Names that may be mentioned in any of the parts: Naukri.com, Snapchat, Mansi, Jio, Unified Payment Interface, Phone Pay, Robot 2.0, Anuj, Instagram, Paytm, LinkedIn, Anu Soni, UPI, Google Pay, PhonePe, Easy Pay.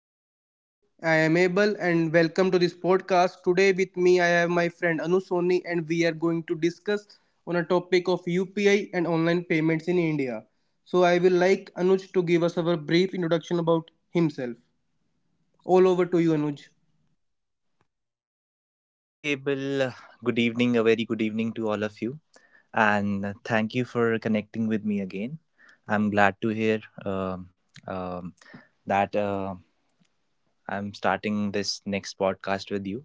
you know me, I am Abel, and welcome to this podcast. Today, with me, I have my friend Anu Soni, and we are going to discuss on a topic of UPI and online payments in India. So, I will like Anuj to give us our brief introduction about himself. All over to you, Anuj. Hey, Bill. Good evening. A very good evening to all of you. And thank you for connecting with me again. I'm glad to hear um, that I'm starting this next podcast with you.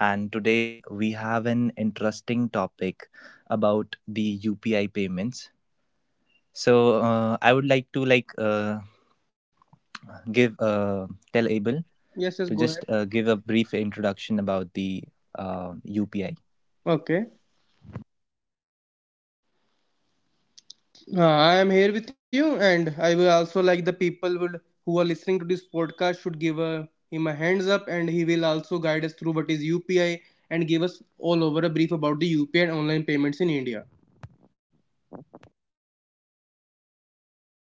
And today we have an interesting topic about the UPI payments. So I would like to like give tell Abel to Yes, yes, go just ahead. Give a brief introduction about the UPI. Okay. I am here with you, and I will also like the people would who are listening to this podcast should give him a hands up, and he will also guide us through what is UPI and give us all over a brief about the UPI and online payments in India.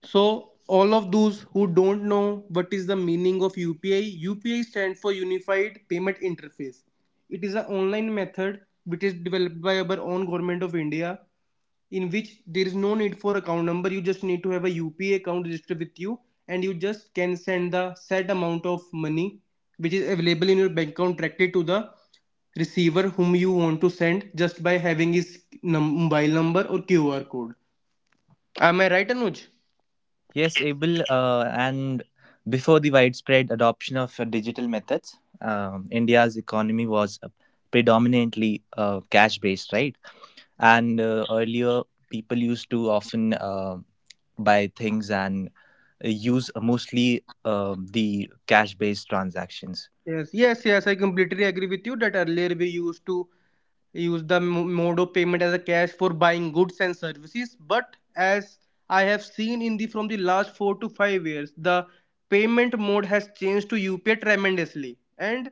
So, all of those who don't know what is the meaning of UPI, UPI stands for Unified Payment Interface. It is an online method which is developed by our own government of India, in which there is no need for account number. You just need to have a upa account registered with you, and you just can send the set amount of money which is available in your bank account directly to the receiver whom you want to send, just by having his mobile number or qr code. Am I right, Anuj? Yes, Abel, and before the widespread adoption of digital methods, India's economy was predominantly cash based, right? And earlier, people used to often buy things and use mostly the cash based transactions. Yes, yes, yes, I completely agree with you that earlier we used to use the mode of payment as a cash for buying goods and services. But as I have seen in the from the last 4 to 5 years, the payment mode has changed to upi tremendously. And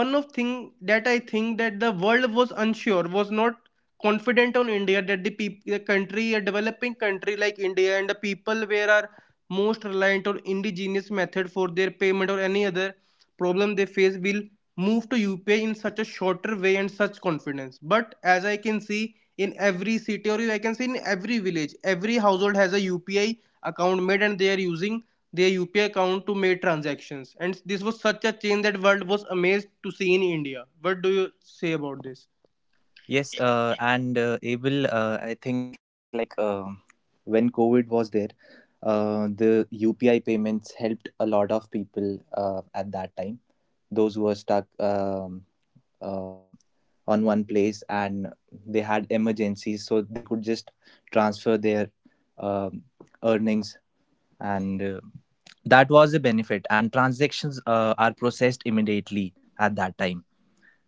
one of thing that I think that the world was unsure, was not confident on india, that the country, a developing country like india, and the people where are most reliant on indigenous method for their payment or any other problem they face, will move to UPI in such a shorter way and such confidence. But as I can see in every city, or I can see in every village, every household has a UPI account made and they are using their UPI account to make transactions. And this was such a change that world was amazed to see in India. What do you say about this? Yes, and Abel, I think when COVID was there, the UPI payments helped a lot of people at that time. Those who were stuck uh, on one place and they had emergencies, so they could just transfer their um, earnings, and that was a benefit. And transactions are processed immediately at that time,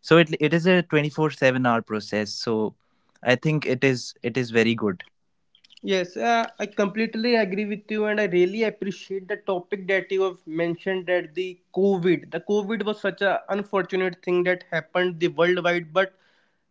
so it is a 24/7 hour process. So I think it is very good. Yes, I completely agree with you, and I really appreciate the topic that you have mentioned, that the COVID. The COVID was such a unfortunate thing that happened the worldwide. But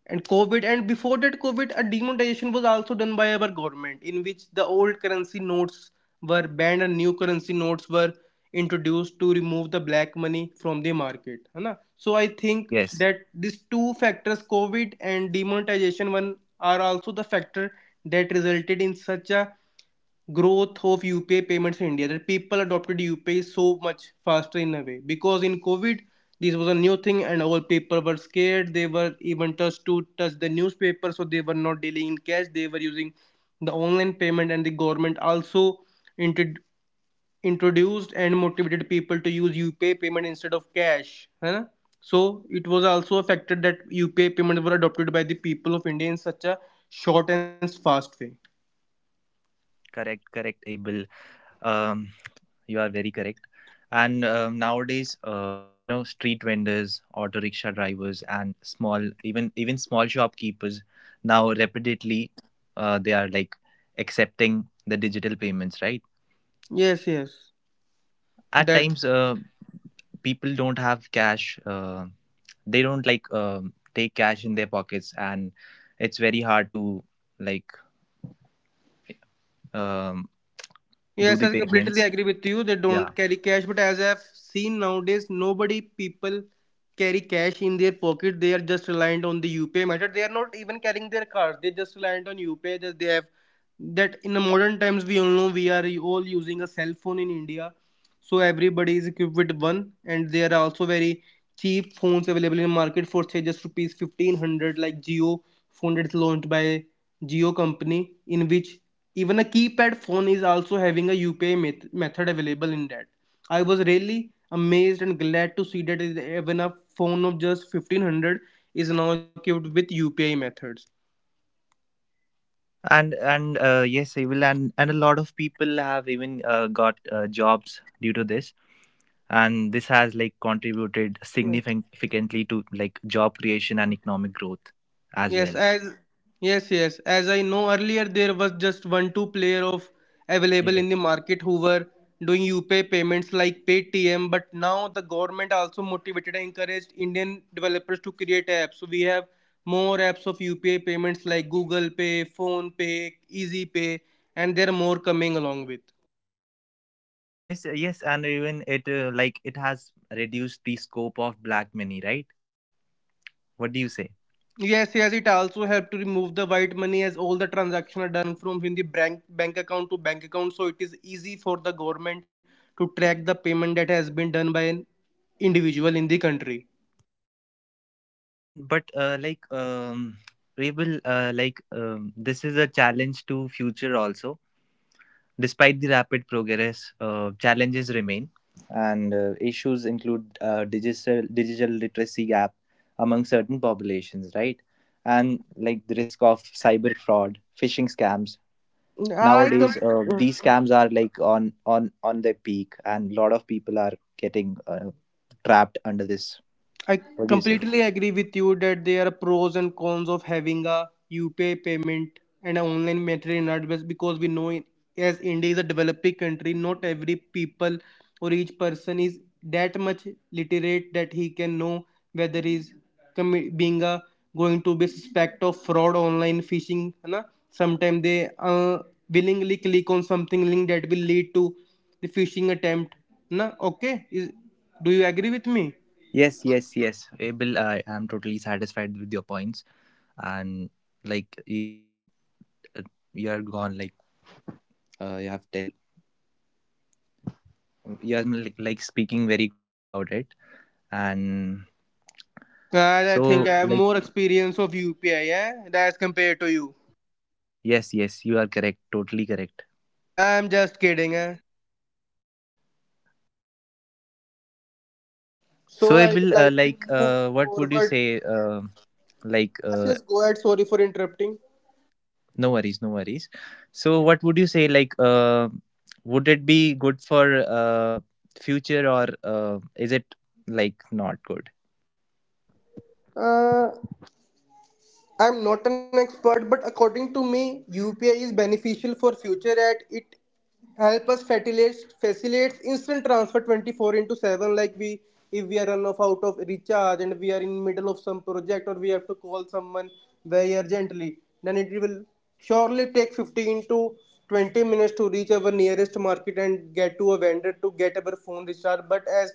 and covid, and before that covid, a demonetization was also done by our government, in which the old currency notes were banned and new currency notes were introduced to remove the black money from the market है ना? So I think Yes, that these two factors, covid and demonetization one, are also the factor that resulted in such a growth of UPI payments in India, that people adopted UPI so much faster in a way. Because in COVID, this was a new thing and all people were scared. They were even touched to touch the newspaper, so they were not dealing in cash. They were using the online payment, and the government also intro- introduced and motivated people to use UPI payment instead of cash. Huh? So it was also a factor that UPI payments were adopted by the people of India in such a short and fast way. correct, correct, Abel. um you are very correct. And nowadays, you know, street vendors, auto rickshaw drivers, and small, even small shopkeepers now repeatedly, they are like accepting the digital payments, right? Yes, yes. At times, That people don't have cash. They don't like take cash in their pockets, and it's very hard to like um, do yes, the I completely payments. agree with you. They Yeah. don't carry cash, but as I've seen nowadays, nobody people carry cash in their pocket. They are just reliant on the UPI method. They are not even carrying their cards. They're just reliant on UPI. That they have that in the modern times we all know we are all using a cell phone in India, so everybody is equipped with one. And there are also very cheap phones available in market for say just ₹1,500, like geo phone that's launched by geo company, in which even a keypad phone is also having a upi method available in that. I was really amazed and glad to see that even a phone of just 1,500 is now equipped with upi methods. And yes, I will. And a lot of people have even got jobs due to this, and this has like contributed Yeah. significantly to like job creation and economic growth as Yes, well. as yes, yes. As I know earlier, there was just 1-2 player of available Yes, in the market who were doing UPI payments like Paytm. But now the government also motivated and encouraged Indian developers to create apps. So we have more apps of UPI payments like Google Pay, Phone Pay, Easy Pay, and there are more coming along with. yes, yes. And even it, like, it has reduced the scope of black money, right? What do you say? Yes, yes, it also helped to remove the white money, as all the transactions are done from in the bank account to bank account. So it is easy for the government to track the payment that has been done by an individual in the country. And but we will this is a challenge to future also. Despite the rapid progress, challenges remain, and issues include digital literacy gap among certain populations, right? And like the risk of cyber fraud, phishing scams. I Nowadays, com- these scams are like on their peak, and a lot of people are getting trapped under this. I What do you say? completely agree with you that there are pros and cons of having a UPI payment and an online method in our best, because we know it, as India is a developing country, not every people or each person is that much literate that he can know whether he's commi- being a going to be suspect of fraud online phishing. Na? Sometimes they willingly click on something link that will lead to the phishing attempt. Na? Okay, is, do you agree with me? Yes, yes, yes, Abel, I am totally satisfied with your points, and like you have, uh, you are gone. Like, you have tell, you are like speaking very good about it, and I so think I have like, more experience of UPI. Yeah, as compared to you. yes, yes, you are correct, totally correct. I'm just kidding. Eh? So So I would Abel, like to move what would you forward. say? Like Yes, uh, yes, go ahead. Sorry for interrupting. no worries, no worries. So what would you say? Like, would it be good for future, or is it like not good? Uh, I'm not an expert, but according to me, UPI is beneficial for future at it help us facilitates instant transfer 24 into 7. Like we if we are run off out of recharge and we are in middle of some project, or we have to call someone very urgently, then it will surely take 15 to 20 minutes to reach our nearest market and get to a vendor to get our phone recharged. But as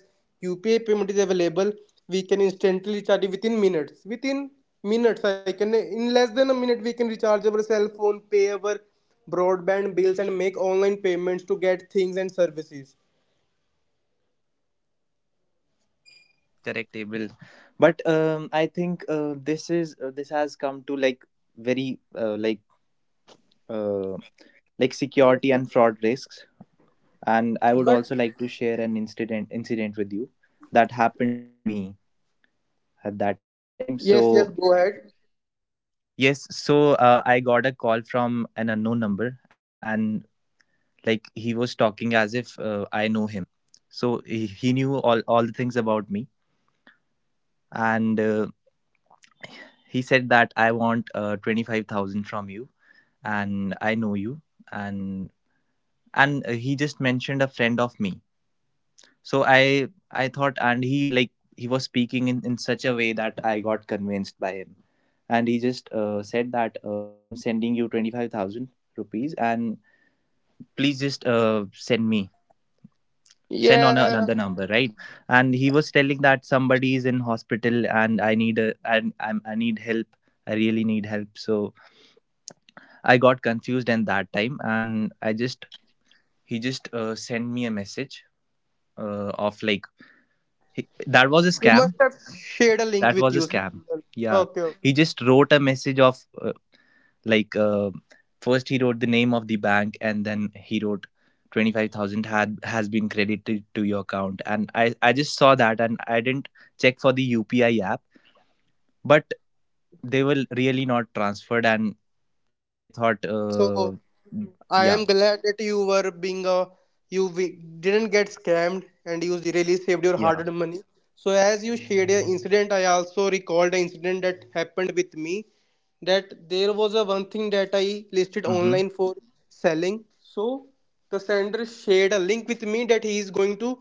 upi payment is available, we can instantly recharge it within minutes, within minutes. I can in less than a minute we can recharge our cell phone, pay our broadband bills, and make online payments to get things and services. Correct, correct, Abel. But I think, this has come to like very uh, like Yes, security and yes. fraud risks. And I would But also like to share an incident with you that happened to me at that time. So yes, yes, go ahead. yes. So I got a call from an unknown number, and like he was talking as if I know him. So he knew all the things about me. And he said that I want 25,000 from you, and I know you. And and he just mentioned a friend of me. So I thought, and he like, he was speaking in such a way that I got convinced by him. And he just said that I'm sending you 25,000 rupees, and please just send me, send on Yeah, another number, right? And he was telling that somebody is in hospital, and I'm, I need help. I really need help. So I got confused and that time, and I just, he just sent me a message of like, he, that was a he scam. must have shared a link That with was a you. scam. Yeah, Okay, okay. he just wrote a message of like uh, first he wrote the name of the bank, and then he wrote 25,000 had has been credited to your account. And I just saw that, and I didn't check for the UPI app, but they were really not transferred. And I thought, So I yeah. am glad that you were being a you didn't get scammed and you really saved your Yeah. hard-earned money. So as you shared an incident, I also recalled an incident that happened with me. That there was a one thing that I listed Hmm. online for selling. So the sender shared a link with me that he is going to.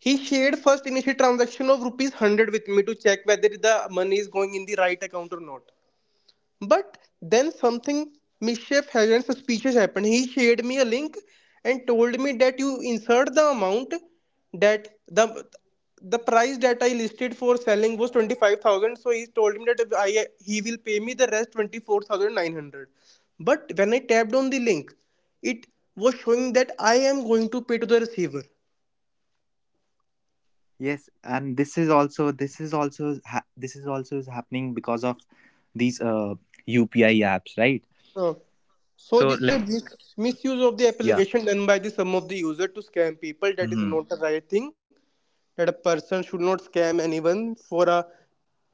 He shared first initial transaction of ₹100 with me to check whether the money is going in the right account or not. But then something mischief and suspicious happened. He shared me a link and told me that you insert the amount that the price that I listed for selling was 25,000. So he told me that I he will pay me the rest 24,900. But when I tapped on the link, it was showing that I am going to pay to the receiver. Yes, and this is also is ha- this is also is happening because of these UPI apps, right? So, so So this is a like, misuse of the yeah, application done by the some of the user to scam people. That mm-hmm, is not the right thing. That a person should not scam anyone for a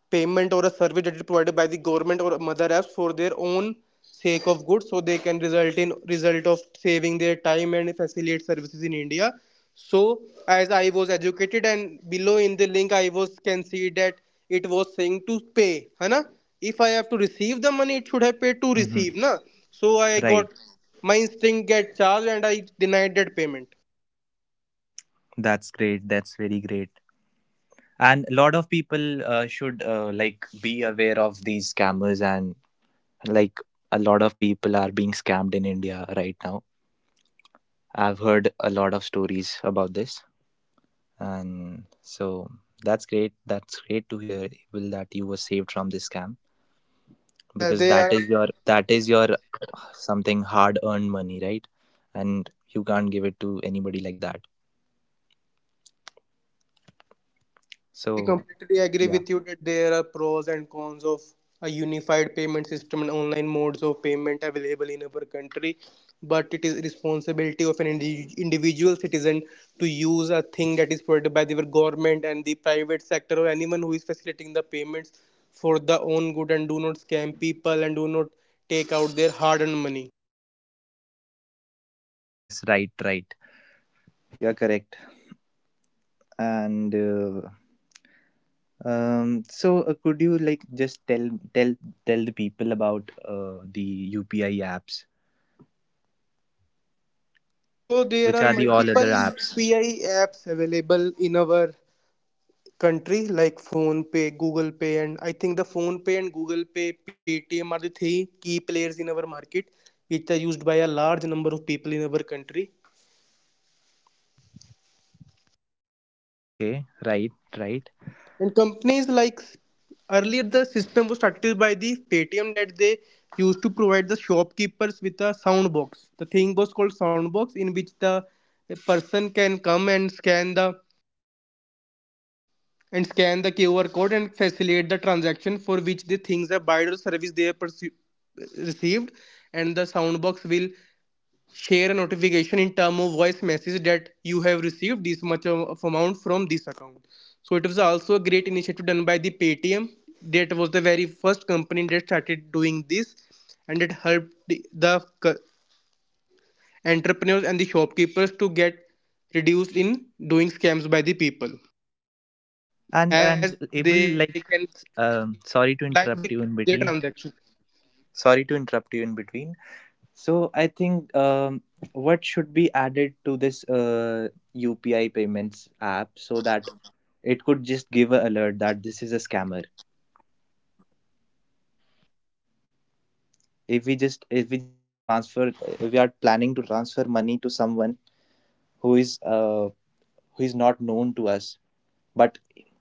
payment or a service that is provided by the government or mother apps for their own sake of good, so they can result in result of saving their time and facilitate services in india. So as I was educated and below in the link, I was can see that it was saying to pay hana. If I have to receive the money, it should have paid to mm-hmm, receive na. So I got right. my instinct get charged and I denied that payment. That's great. That's very great. And a lot of people should like be aware of these scammers, and like a lot of people are being scammed in India right now. I've heard a lot of stories about this, and so that's great. That's great to hear, Will, that you were saved from this scam. Yeah, Because they that are is your something hard earned money, right? And you can't give it to anybody like that. we So completely agree yeah, with you that there are pros and cons of a unified payment system and online modes of payment available in our country, but it is responsibility of an individual citizen to use a thing that is provided by the government and the private sector or anyone who is facilitating the payments for the own good, and do not scam people and do not take out their hard-earned money. yes, right, right. You're correct. And um so could you like just tell tell the people about the UPI apps, So there which are are the all multiple other apps? UPI apps available in our country like phone pay, google pay, and I think the phone pay and google pay, paytm are the three key players in our market, which are used by a large number of people in our country. Okay, right, right. And companies like, earlier the system was started by the paytm, that they used to provide the shopkeepers with a sound box. The thing was called sound box, in which the person can come and scan the QR code and facilitate the transaction for which the things are buyer or service they have received. And the soundbox will share a notification in term of voice message that you have received this much of amount from this account. So it was also a great initiative done by the paytm, that was the very first company that started doing this. And it helped the entrepreneurs and the shopkeepers to get reduced in doing scams by the people, as and they can and get able, live like, record of their transaction. sorry to interrupt you in between, sorry to interrupt you in between. So I think, what should be added to this UPI payments app so that it could just give a alert that this is a scammer. If we just, if we just transfer, if we are planning to transfer money to someone who is uh, who is not known to us, but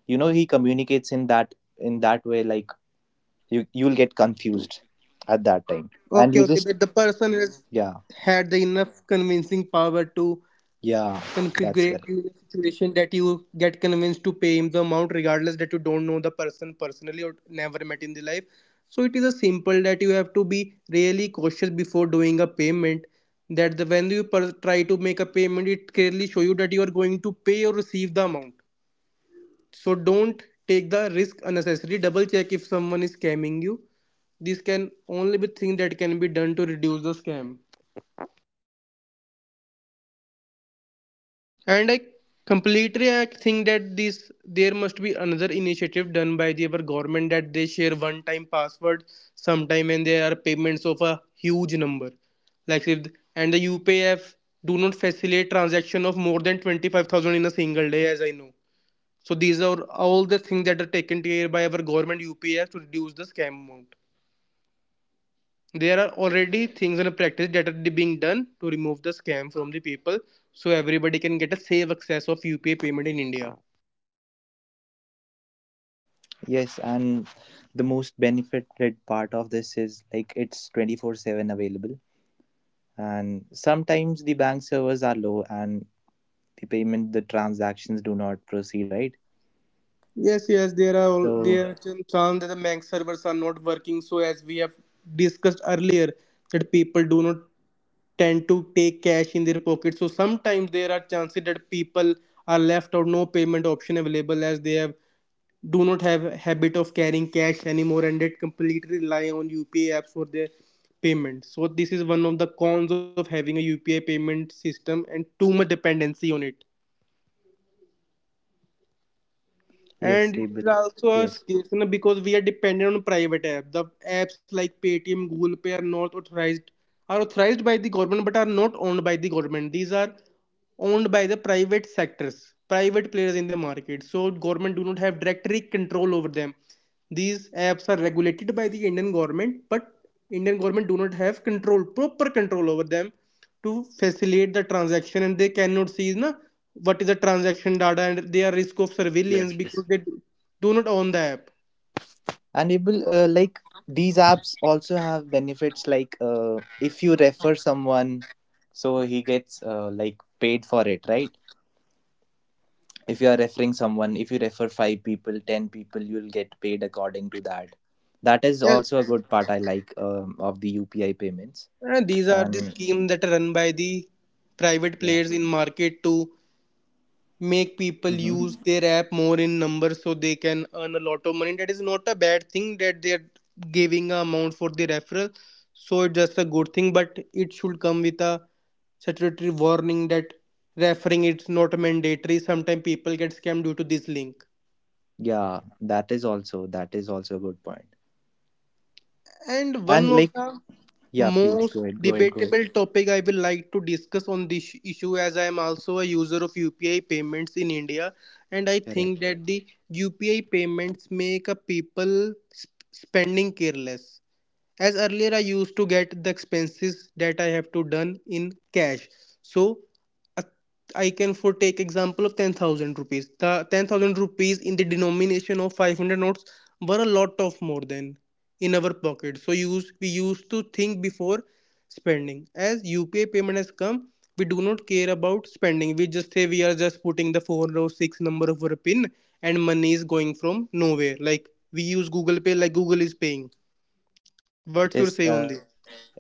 you know, he communicates in that way. Like, you'll get confused at that time, Okay, and you okay, that just, the person has yeah, had the enough convincing power to yeah, that's configure correct. you in a situation that you get convinced to pay him the amount, regardless that you don't know the person personally or never met in the life. So it is a simple that you have to be really cautious before doing a payment. That the when you try to make a payment, it clearly show you that you are going to pay or receive the amount. So don't take the risk unnecessarily. Double check if someone is scamming you. This can only be thing that can be done to reduce the scam. And I completely I think that this there must be another initiative done by the our government, that they share one time password sometime and there are payments of a huge number. Like if and the UPF do not facilitate transaction of more than 25,000 in a single day, as I know. So these are all the things that are taken care by our government UPS to reduce the scam amount. There are already things and practice that are being done to remove the scam from the people, so everybody can get a safe access of UPI payment in India. Yes, and the most benefited part of this is like it's 24/7 available. And sometimes the bank servers are low, and the payment, the transactions do not proceed, right? Yes, yes, there are all, So, there are some that the bank servers are not working. So as we have discussed earlier, that people do not tend to take cash in their pocket. So sometimes there are chances that people are left out no payment option available, as they have do not have a habit of carrying cash anymore and they completely rely on UPI apps for their payment. So this is one of the cons of having a UPI payment system and too much dependency on it. And yes, it able. is also a case, Yes, you know, because we are dependent on private apps. The apps like Paytm, Google Pay are not authorized, are authorized by the government but are not owned by the government. These are owned by the private sectors, private players in the market. So government do not have direct control over them. These apps are regulated by the Indian government, but Indian government do not have control, proper control over them to facilitate the transaction, and they cannot see na, what is the transaction data, and they are risk of surveillance yes, because yes. they do not own the app. And able, like, these apps also have benefits like, if you refer someone, so he gets like paid for it, right? If you are referring someone, if you refer 5 people, 10 people you will get paid according to that. That is Yes, also a good part, I like, of the UPI payments. These are the And schemes that are run by the private yeah, players in market to make people hmm, use their app more in numbers so they can earn a lot of money. That is not a bad thing that they're giving a amount for the referral, so it's just a good thing, but it should come with a statutory warning that referring it's not mandatory, sometimes people get scammed due to this link. yeah, that is also, that is also a good point. And one And of like, the yeah, please most go ahead. debatable topic I will like to discuss on this issue, as I am also a user of UPI payments in India, and I think Correct. that the UPI payments make a people spending careless, as earlier I used to get the expenses that I have to done in cash. So uh, I can for take example of 10,000 rupees, the 10,000 rupees in the denomination of 500 notes were a lot of more than in our pocket, so use we used to think before spending. As upi payment has come, we do not care about spending, we just say we are just putting the four or six number of our pin and money is going from nowhere, like we use google pay like google is paying. What's your say on this? Yes,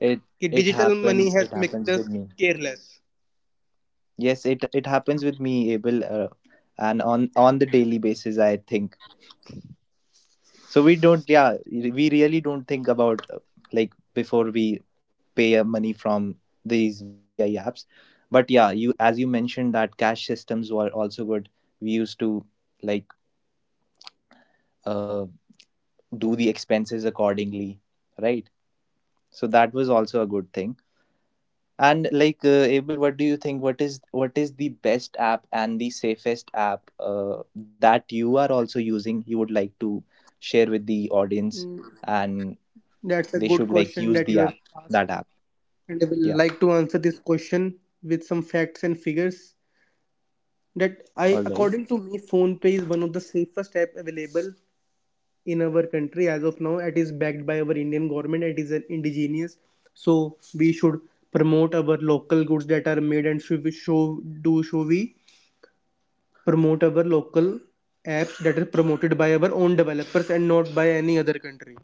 Ki digital it money has happens it made us happens with me. careless. Yes, it happens with me, Abel. And on the daily basis, I think, so we don't, yeah, we really don't think about like, before we pay money from these UPI apps. But yeah, you, as you mentioned that cash systems were also good. We used to like uh, do the expenses accordingly, right? So that was also a good thing. And like, Abel, what do you think? What is the best app and the safest app that you are also using? You would like to share Mm, with the audience, that's a and good question that they you should have, like use the app that app. and I will like to answer Yeah. this question with some facts and figures. That I, Hmm. All according to right. me, phone pay is one of the safest app available in our country as of now. It is backed by our Indian government. It is an indigenous, so we should promote our local goods that are made and should we show do show we promote our local apps that are promoted by our own developers and not by any other country.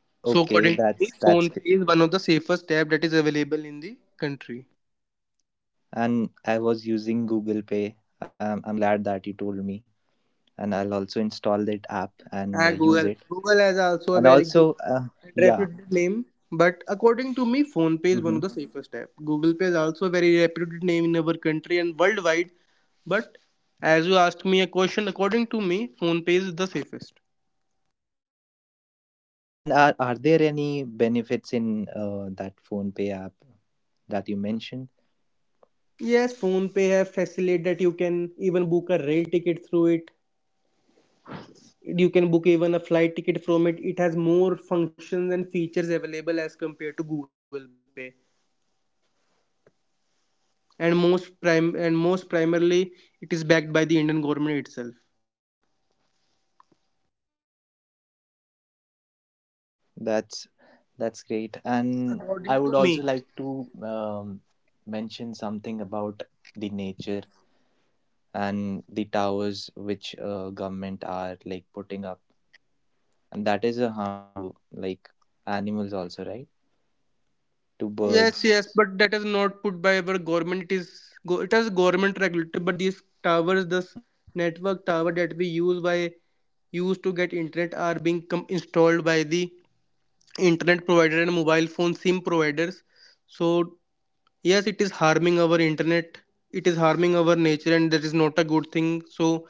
Okay. So Okay. according to me, That's PhonePe is one of the safest app that is available in the country. and I was using Google Pay. I'm glad that you told me, and I'll also install that app and Ah, use Google. it. Google has also a And very good also, and yeah, reputed name. But according to me, PhonePe is one hmm. of the safest app. Google Pay is also a very reputed name in our country and worldwide. But as you asked me a question, according to me, PhonePe is the safest. And are there any benefits in that phone pay app that you mentioned? Yes, PhonePe have facility that you can even book a rail ticket through it. You can book even a flight ticket from it, it has more functions and features available as compared to google pay. And most prime and most primarily it is backed by the indian government itself. And I will That's also like to that's share great. that And according to I would me, also like to mention something about the nature and the towers which government are like putting up, and that is a harm to like animals also, right? To yes birds. yes, but that is not put by our government. It is it has government regulated, but these towers, this Hmm. network tower that we use by used to get internet are being installed by the internet provider and mobile phone sim providers. So yes, it is harming our internet. It is harming our nature, and that is not a good thing. So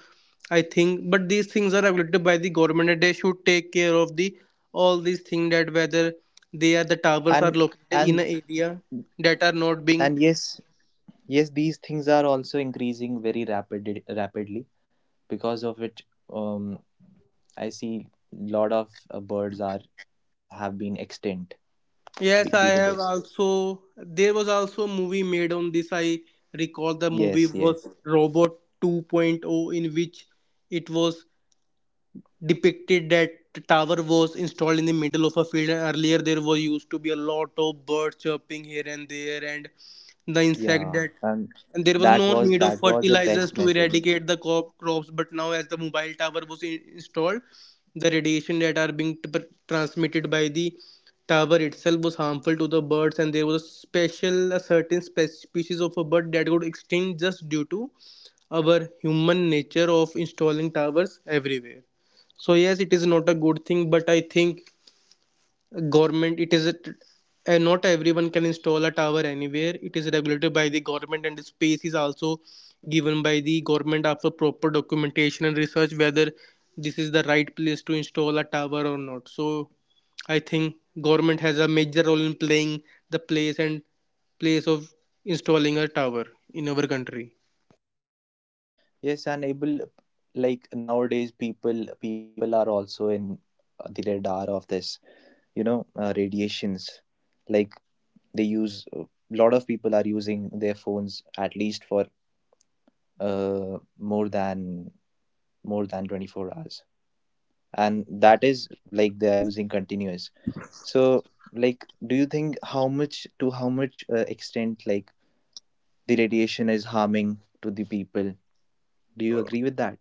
I think, but these things are regulated by the government, and they should take care of the all these things, that whether they are the towers are and located in and an area that are not being. and Yes, yes, these things are also increasing very rapidly because of it. um I see lot of birds are have been extinct Yes, I due to have this. also. There was also a movie made on this. I recall the movie Yes, was yes, Robot 2.0, in which it was depicted that the tower was installed in the middle of a field. Earlier there was used to be a lot of birds chirping here and there, and the insect yeah, that, and and there was that no was need of the fertilizers best to message. eradicate the crop, crops, but now as the mobile tower was in, installed, the radiation that are being transmitted by the tower itself was harmful to the birds. And there was a special a certain species of a bird that got extinct just due to our human nature of installing towers everywhere. So yes, it is not a good thing, but I think government it is a, and not everyone can install a tower anywhere. It is regulated by the government, and the space is also given by the government after proper documentation and research, whether this is the right place to install a tower or not. So I think government has a major role in playing the place and place of installing a tower in our country. Yes, and able, like nowadays people are also in the radar of this, you know, radiations. Like they use a lot of people are using their phones at least for uh, more than more than 24 hours, and that is like they are using continuous. So like do you think how much to how much extent like the radiation is harming to the people? Do you agree with that?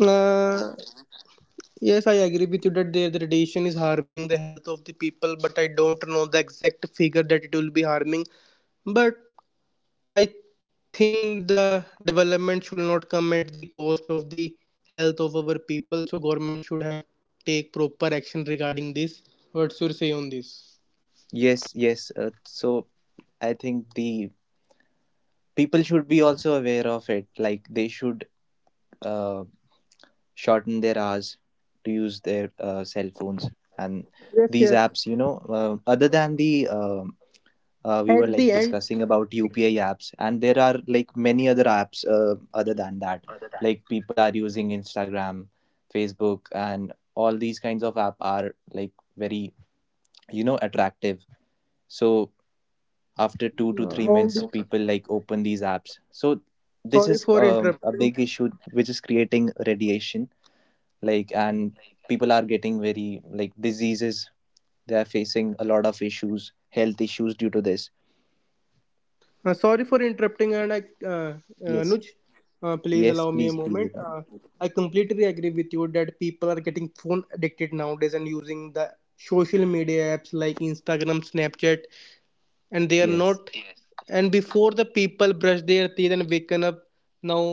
uh, Yes, I agree with you that their the radiation is harming the health of the people, but I don't know the exact figure that it will be harming. But I think the development should not come at the cost of the health of our people. So government should have take proper action regarding this. What's your say on this? Yes, yes, so I think the people should be also aware of it. Like they should uh, shorten their hours to use their cell phones and these Yes, apps, yes. Other than the we were like At the discussing end, about upi apps, and there are like many other apps other than that. Like people are using Instagram, Facebook, and all these kinds of app are like very, you know, attractive. So after 2 to 3 all minutes this. people like open these apps. So this Sorry is for a interrupting. big issue which is creating radiation. Like and people are getting very like diseases. They are facing a lot of issues, health issues, due to this. Sorry for interrupting, and I, Yes. Anuj, please allow Yes. me a Please. Please. moment. Abel. I completely agree with you that people are getting phone addicted nowadays and using the social media apps like Instagram, Snapchat, and they are Yes, not. Yes, and before the people brush their teeth and waken up, now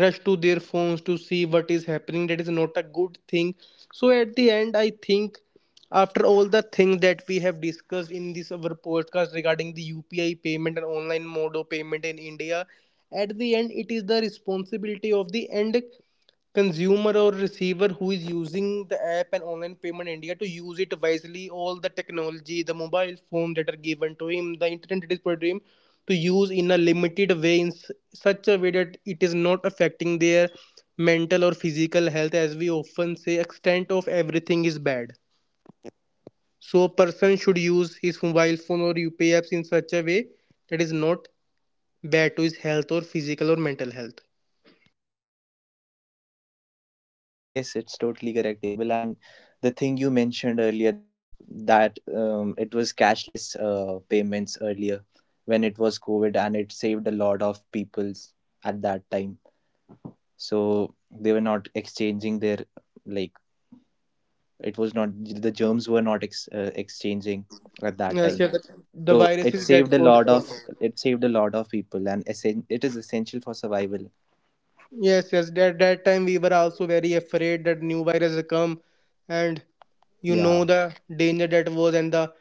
rush to their phones to see what is happening, that is not a good thing. So at the end I think, after all the things that we have discussed in this our podcast regarding the upi payment and online mode of payment in india, at the end it is the responsibility of the end consumer or receiver who is using the app and online payment in india to use it wisely, all the technology, the mobile phone that are given to him, the internet that is provided to him, to use in a limited way, in such a way that it is not affecting their mental or physical health. As we often say, extent of everything is bad. So a person should use his mobile phone or upi apps in such a way that is not bad to his health or physical or mental health. and yes, yes, it's totally correct, Abel. And the thing you mentioned earlier that it was cashless payments earlier when it was covid, and it saved a lot of people's at that time. So they were not exchanging their, like, it was not, the germs were not exchanging at that Yes, time. yeah, the So it viruses get saved a caused lot from. of, it saved a lot of people, and it is essential for survival. Yes, yes. That that time we were also very afraid that new virus will come, and you Yeah. know the danger that was, and the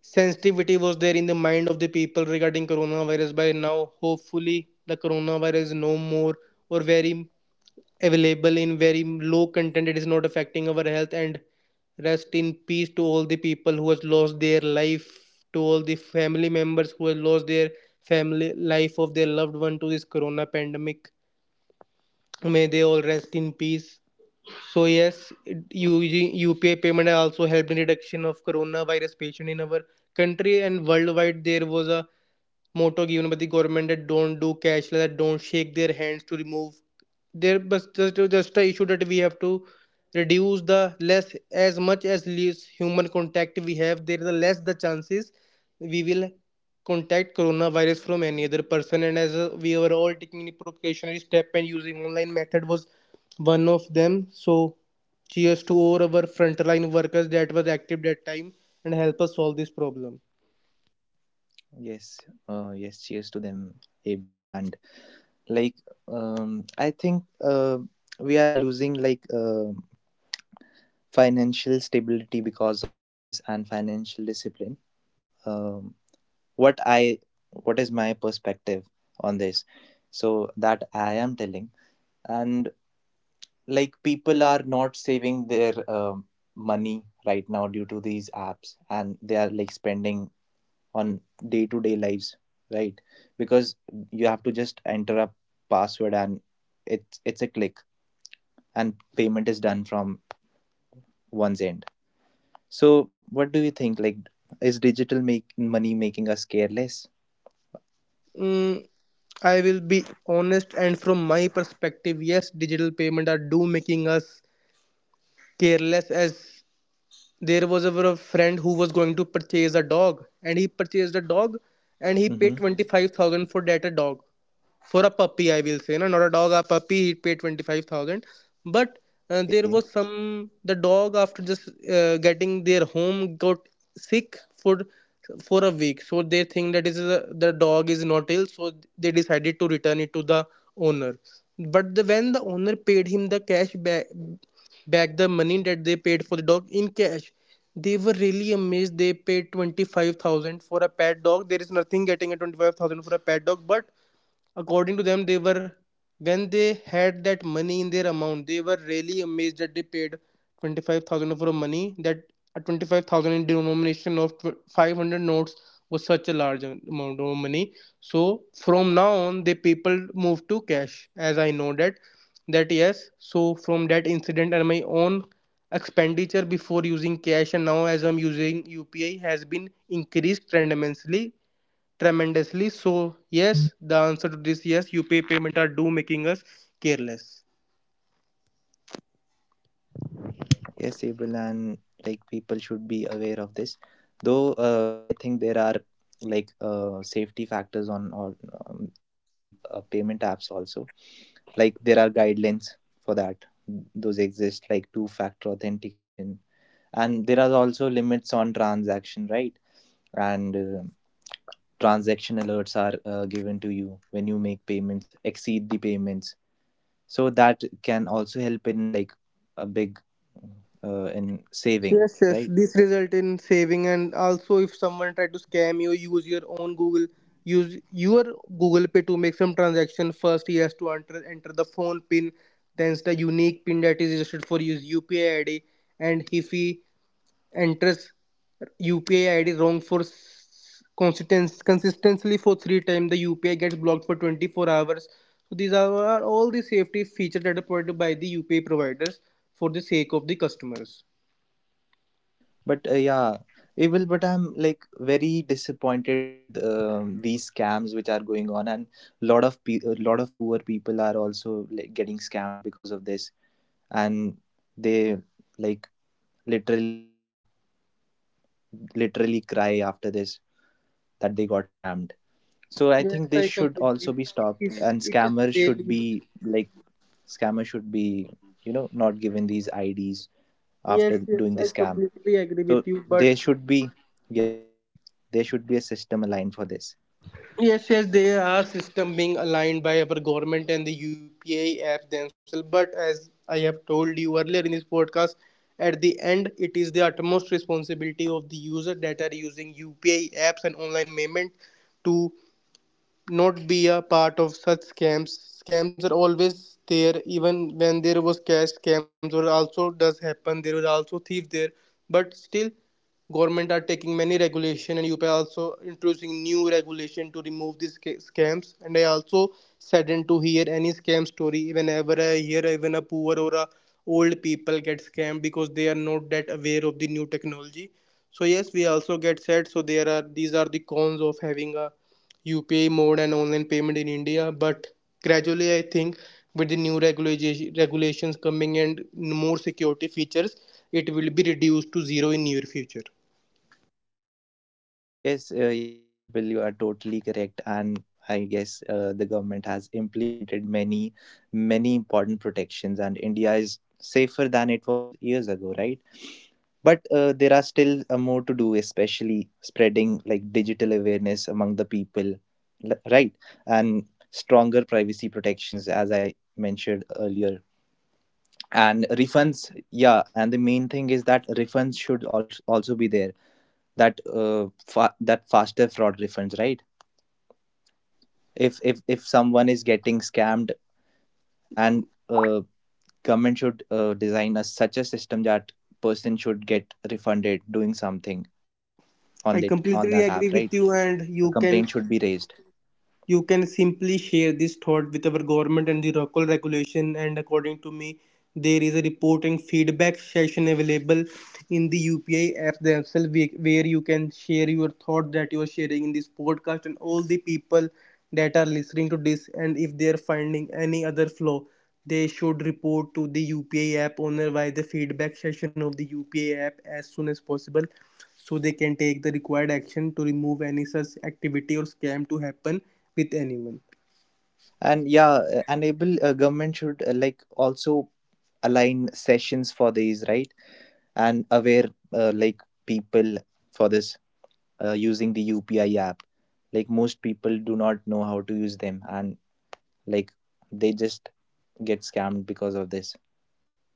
sensitivity was there in the mind of the people regarding coronavirus. By now, hopefully, the coronavirus is no more or very available in very low content. It is not affecting our health, and rest in peace to all the people who has lost their life, to all the family members who have lost their family life of their loved one to this corona pandemic. May they all rest in peace. So yes, it- using UPI payment also helped in reduction of coronavirus patient in our country and worldwide. There was a motto given by the government that don't do cashless, that don't shake their hands to remove. There but just a issue that we have to reduce the less as much as less human contact we have. There is the less the chances we will contact coronavirus from any other person. And as we were all taking the precautionary step, and using online method was one of them. So cheers to all our frontline workers that was active that time and help us solve this problem. Yes, yes, cheers to them, Abel. And like, I think, uh, we are losing like financial stability because of this, and financial discipline. um what I what is my perspective on this? So that I am telling. And like people are not saving their, money right now due to these apps, and they are like spending on day to day lives, right? Because you have to just enter a password, and it's a click, and payment is done from one's end. So what do you think, like is digital make money making us careless? Mm, I will be honest, and from my perspective, yes, digital payment are do making us careless as there was a friend who was going to purchase a dog, and he purchased a dog and he Mm-hmm. paid 25,000 for that a dog. For a puppy, I will say, no, not a dog, a puppy. He paid 25,000, but there Okay. was some, the dog after just getting their home got sick for for a week, so they think that is a, the dog is not ill, so they decided to return it to the owner. But the, when the owner paid him the cash back back the money that they paid for the dog in cash. They were really amazed. They paid 25,000 for a pet dog. There is nothing getting a 25,000 for a pet dog, but according to them they were, when they had that money in their amount, they were really amazed that they paid 25,000 for money, that a 25,000 in denomination of 500 notes was such a large amount of money. So from now on the people move to cash, as I know that that yes. So from that incident and my own expenditure before using cash, and now as I'm using UPI, has been increased tremendously. So, yes, the answer to this yes, UPI payment are do making us careless. Yes, Abel, and like people should be aware of this. Though, I think there are like safety factors on the payment apps also. Like there are guidelines for that. Those exist, like two-factor authentication, and there are also limits on transaction, right? And transaction alerts are given to you when you make payments, exceed the payments. So that can also help in like a big in saving, Yes, yes, right? this result in saving, and also if someone try to scam you, use your own Google, use your Google Pay to make some transaction. First, he has to enter the phone pin, then the unique pin that is registered for his UPI ID, and if he enters UPI ID wrong for consistently for 3 times, the UPI gets blocked for 24 hours. So these are all the safety features that are provided by the UPI providers for the sake of the customers. But yeah, Evil, but I'm like very disappointed with, these scams which are going on, and a lot of poor people are also like getting scammed because of this, and they, like, literally literally cry after this, that they got scammed. So I Yes, think this I should also completely. be It stopped, is. and It is scammers should really. be like, scammers should be you know, not given these IDs Yes, after yes, doing I the scam. completely agree with So you. But there should be, yeah, there should be a system aligned for this. yes, yes, there are systems being aligned by our government and the UPI app themselves. But as I have told you earlier in this podcast, at the end, it is the utmost responsibility of the user that are using UPI apps and online payment to not be a part of such scams. Scams are always there. Even when there was cash, scams or also does happen, there was also thief there, but still government are taking many regulation and UPI also introducing new regulation to remove these scams, and I also saddened to hear any scam story whenever I hear even a poor or a old people get scammed because they are not that aware of the new technology. So yes, we also get sad. So there are, these are the cons of having a UPI mode and online payment in India. But gradually, I think with the new regulation regulations coming and more security features, it will be reduced to 0 in near future. Yes, yes, Bill, you are totally correct, and I guess the government has implemented many important protections, and India is safer than it was years ago, right? But there are still more to do, especially spreading like digital awareness among the people, right? And stronger privacy protections, as I mentioned earlier, and refunds. Yeah, and the main thing is that refunds should also be there. That that faster fraud refunds, right? If someone is getting scammed, and uh, government should design a such a system that person should get refunded doing something I on that app, completely right? agree with you, A and complaint should be raised. you can simply share this thought with our government and the local regulation, and according to me there is a report and feedback session available in the UPI app themselves, where you can share your thought that you are sharing in this podcast. And all the people that are listening to this, and if they are finding any other flaw, they should report to the UPI app owner via the feedback session of the UPI app as soon as possible, so they can take the required action to remove any such activity or scam to happen with anyone. And yeah, enable, government should, like, also align sessions for these, right? And aware, like, people for this, using the UPI app. Like most people do not know how to use them, and like they just get scammed because of this.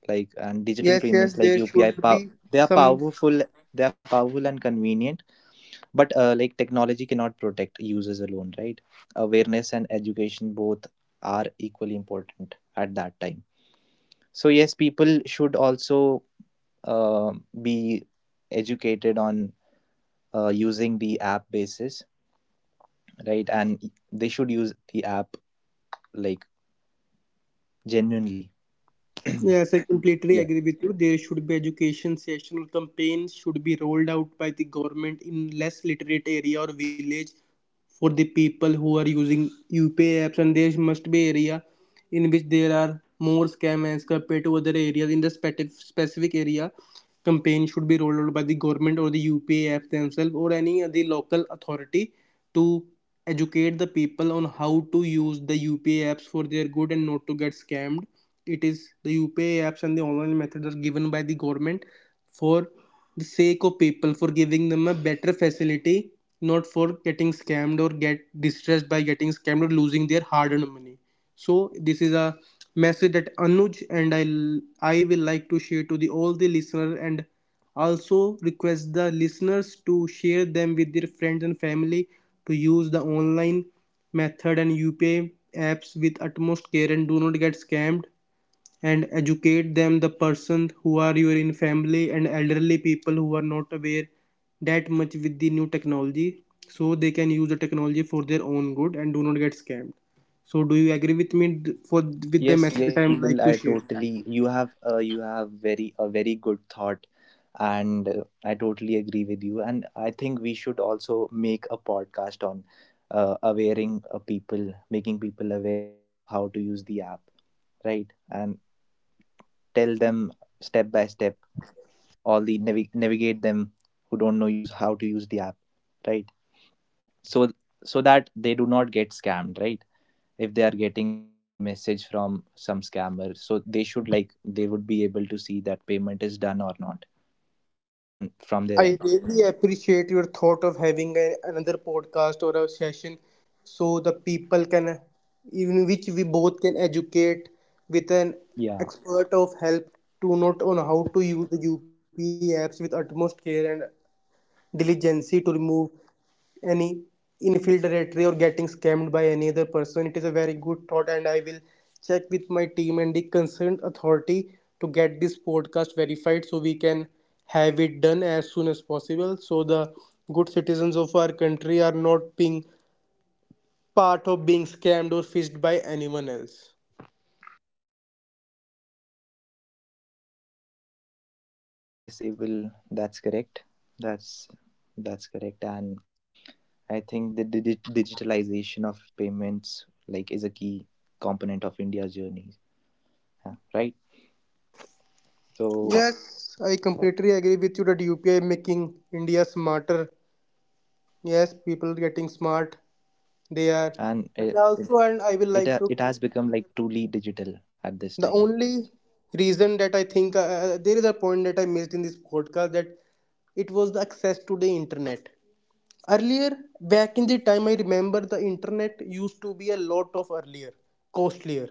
Like and digital Yes, payments yes, like there UPI, should be they are some. powerful. They are powerful and convenient, but like technology cannot protect users alone, right? Awareness and education both are equally important at that time. So yes, people should also uh, be educated on using the app basis, right? And they should use the app, like, genuinely. Yeah. Yes, I completely agree with you. There should be education session or campaigns should be rolled out by the government in less literate area or village for the people who are using UPI apps, and there must be area in which there are more scam as compared to other areas. In the specific area campaign should be rolled out by the government or the UPA app themselves or any other local authority to educate the people on how to use the UPA apps for their good and not to get scammed. It is the UPI apps and the online methods are given by the government for the sake of people, for giving them a better facility, not for getting scammed or get distressed by getting scammed or losing their hard-earned money. So this is a message that Anuj and I will like to share to the all the listeners, and also request the listeners to share them with their friends and family to use the online method and UPI apps with utmost care and do not get scammed, and educate them, the persons who are your in family and elderly people who are not aware that much with the new technology, so they can use the technology for their own good and do not get scammed. So do you agree with me for with the Yes, message, yes, that yes, I'm like Abel, to I share. totally, you have very a very good thought, and I totally agree with you. And I think we should also make a podcast on awareing people making people aware of how to use the app, right? And tell them step by step, all the navigate them who don't know use how to use the app, right? So, so that they do not get scammed, right? If they are getting any message from some scammer, so they should like, they would be able to see that payment is done or not on from their end. I really appreciate your thought of having a, another podcast or a session so the people can, in which we both can educate with an Yeah, expert of help to not on how to use the UP apps with utmost care and diligency to remove any infiltratory or getting scammed by any other person. It is a very good thought, and I will check with my team and the concerned authority to get this podcast verified, so we can have it done as soon as possible. So the good citizens of our country are not being part of being scammed or fished by anyone else. yes, it will, that's correct, that's that's correct. And I think the digitalization of payments like is a key component of India's journey, yeah, right? So Yes, I completely agree with you that UPI making India smarter. Yes, people getting smart, they are. and it And it, also, and I will it, like it to, has become like truly digital at this the time. only reason that I think there is a point that I missed in this podcast, that it was the access to the internet earlier. Back in the time, I remember the internet used to be a lot of earlier costlier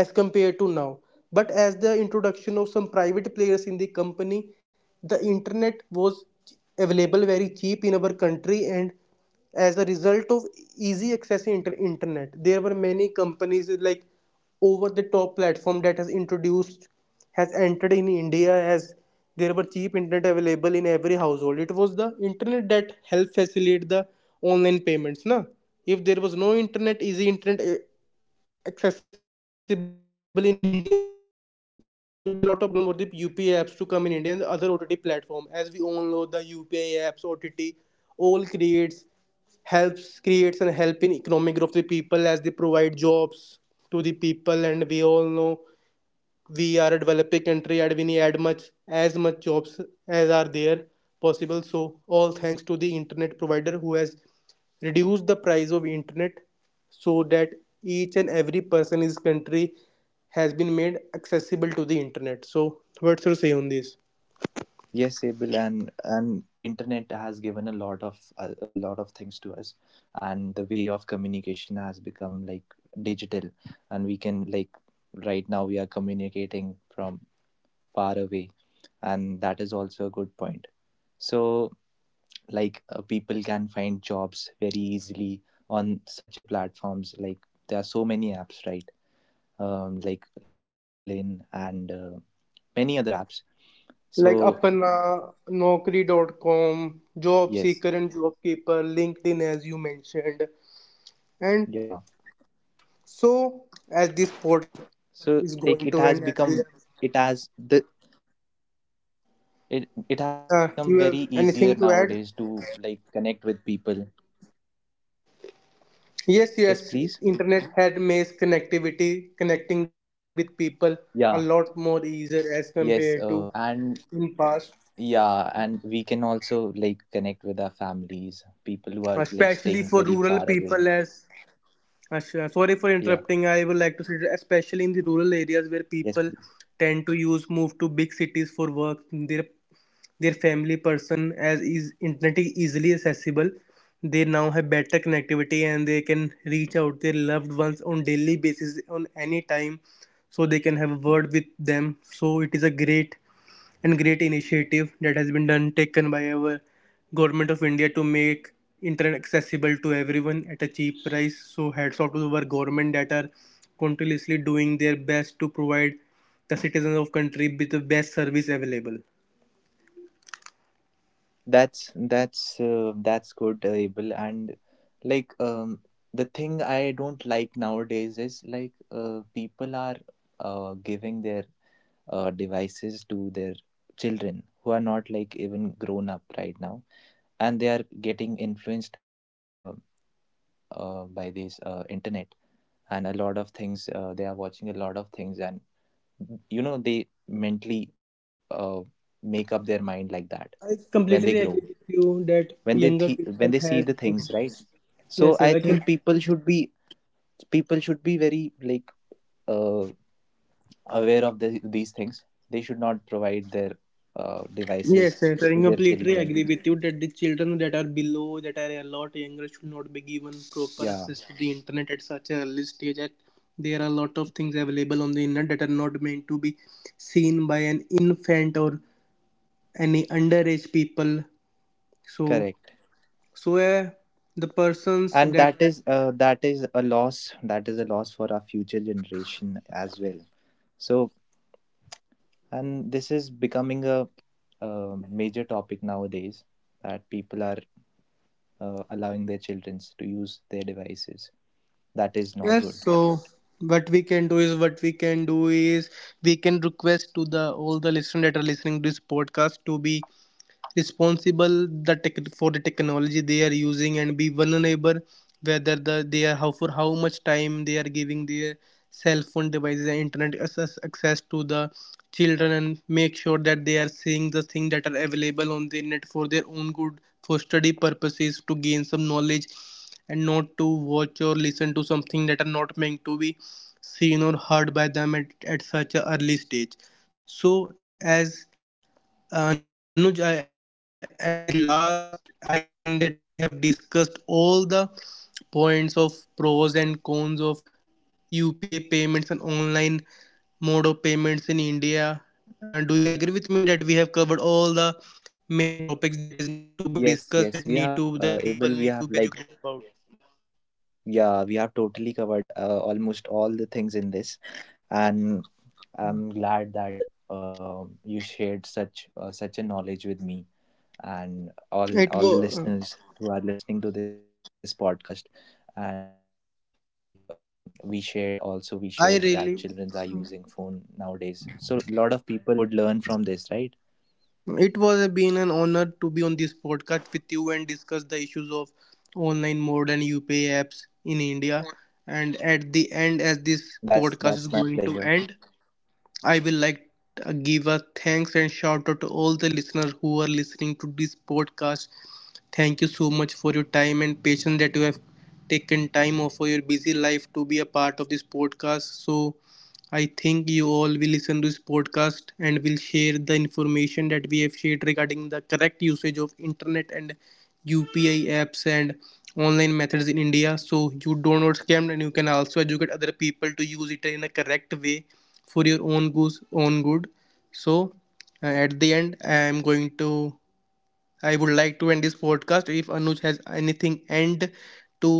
as compared to now, but as the introduction of some private players in the company, the internet was available very cheap in our country. And as a result of easy access to internet, there were many companies like over the top platform that has introduced has entered in India, as there were cheap internet available in every household. It was the internet that helped facilitate the online payments. Na? If there was no internet, easy internet eh, accessible in India, there will be a lot of problem with the UPI apps to come in India and the other OTT platform. As we all know, the UPI apps, OTT, all creates helps creates and help in economic growth to the people as they provide jobs to the people, and we all know we are a developing country and we need add much as much jobs as are there possible. So all thanks to the internet provider who has reduced the price of internet so that each and every person in this country has been made accessible to the internet. So what's your say on this Yes, Abel, and internet has given a lot of a lot of things to us, and the way of communication has become like digital, and we can like, right now we are communicating from far away, and that is also a good point. So like, people can find jobs very easily on such a platforms. Like there are so many apps, right? Like LinkedIn and many other apps. like So Apna, Naukri.com, Job yes, Seeker and Job Keeper, LinkedIn, as you mentioned. And yeah. so, as this podcast is So going to like it end, has as we have, become, it has the it has become very you have easier anything to nowadays add? to like connect with people. Yes, Yes, yes. please. Internet had made connectivity, connecting with people a Yeah, lot more easier as compared yes, to and in past, yeah, and we can also like connect with our families, people who are like especially staying for very rural far away. people as Ashra, sorry for Yeah, interrupting. I would like to say that especially in the rural areas where yes, people please. tend to use move to big cities for work, their family person as is internet is easily accessible, they now have better connectivity and they can reach out their loved ones on daily basis on any time so they can have a word with them. So it is a great and great initiative that has been done taken by our government of India to make internet accessible to everyone at a cheap price. So hats off to our government that are continuously doing their best to provide the citizens of country with the best service available. That's that's good, Abel. And like, the thing I don't like nowadays is like, people are giving their devices to their children who are not like even grown up right now, and they are getting influenced by this internet, and a lot of things they are watching a lot of things, and you know they mentally, uh, make up their mind like that I when they completely grow, agree with you that when they younger when people they see have the things, right? this. So Yes, I yes, I think can. people should be, people should be very like uh, aware of these things. They should not provide their Yes, devices yes, I to their completely children. agree with you that the children that are below, that are a lot younger, should not be given proper Yeah, access to the internet at such an early stage. That there are a lot of things available on the internet that are not meant to be seen by an infant or any underage people. So, correct. so uh, the persons And that, that is a loss. That is a loss for our future generation as well. So, and this is becoming a, major topic nowadays that people are allowing their children to use their devices. That is not yes, good. so what we can do is we can request to the all the listeners that are listening to this podcast to be responsible Yeah. the tech for the technology they are using, and be vulnerable whether they are, how for how much time they are giving their cell phone devices and internet access to the children, and make sure that they are seeing the things that are available on the net for their own good, for study purposes, to gain some knowledge, and not to watch or listen to something that are not meant to be seen or heard by them at, such an early stage. So as Anuj, I, at the last, I think that we have discussed all the points of pros and cons of UPI payments and online mode of payments in India. Do you agree with me that we have covered all the main topics that is need to be discussed, that need to the people Yes. need to Yes. be We have, educated about? Able. We have like, yeah. We have totally covered, almost all the things in this, and I'm glad that, you shared such a knowledge with me and It all the was. listeners who are listening to this podcast. And like, we shared, that I children are really using phone nowadays, so a lot of people would learn from this, right? It was been an honor to be on this podcast with you and discuss the issues of online mode and UPI apps in India. And at the end, as this That's podcast is my going to pleasure. end, I will like to give a thanks and shout out to all the listeners who are listening to this podcast. Thank you so much for your time and patience that you have taken time off for your busy life to be a part of this podcast. So I think you all will listen to this podcast and will share the information that we have shared regarding the correct usage of internet and UPI apps and online methods in India, so you do not scam, and you can also educate other people to use it in a correct way for your own goose own good. So at the end I would like to end this podcast. If Anuj has anything and to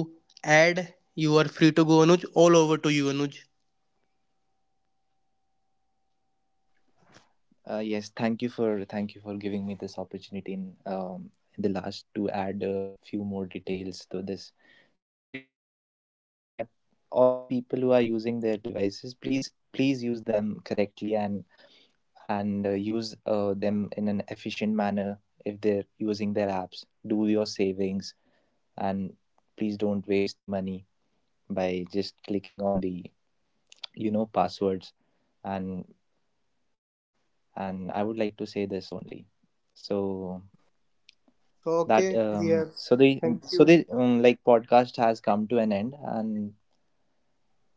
add, you are free to go, Anuj. All over to you, Anuj. Yes, thank you for, giving me this opportunity in the last, to add a few more details to this. So yes, I would like to say that all the people who are using their devices, please use them correctly, and use them in an efficient manner. If they're using their apps, do your savings, and please don't waste the money by just clicking on the, you know, passwords. and and I would like to say this only. So Okay, that, we have, so the, thank so you the, like, podcast has come to an end, and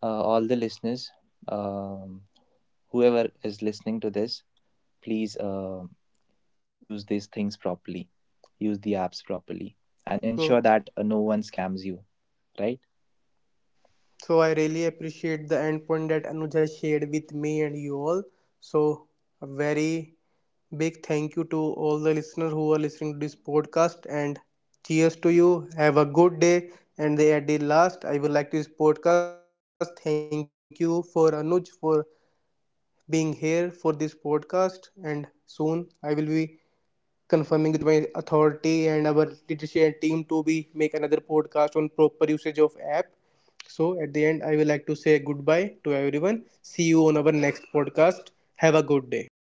all the listeners, um whoever is listening to this, please, use these things properly, use the apps properly, and ensure so. that no one scams you, right? So I really appreciate the end point that Anuja shared with me and you all. So a very big thank you to all the listeners who are listening to this podcast, and cheers to you. Have a good day. And at the last, I would like this podcast. Thank you for Anuj for being here for this podcast. And soon I will be confirming with my authority and our leadership team to be make another podcast on proper usage of app. So at the end, I will like to say goodbye to everyone. See you on our next podcast. Have a good day.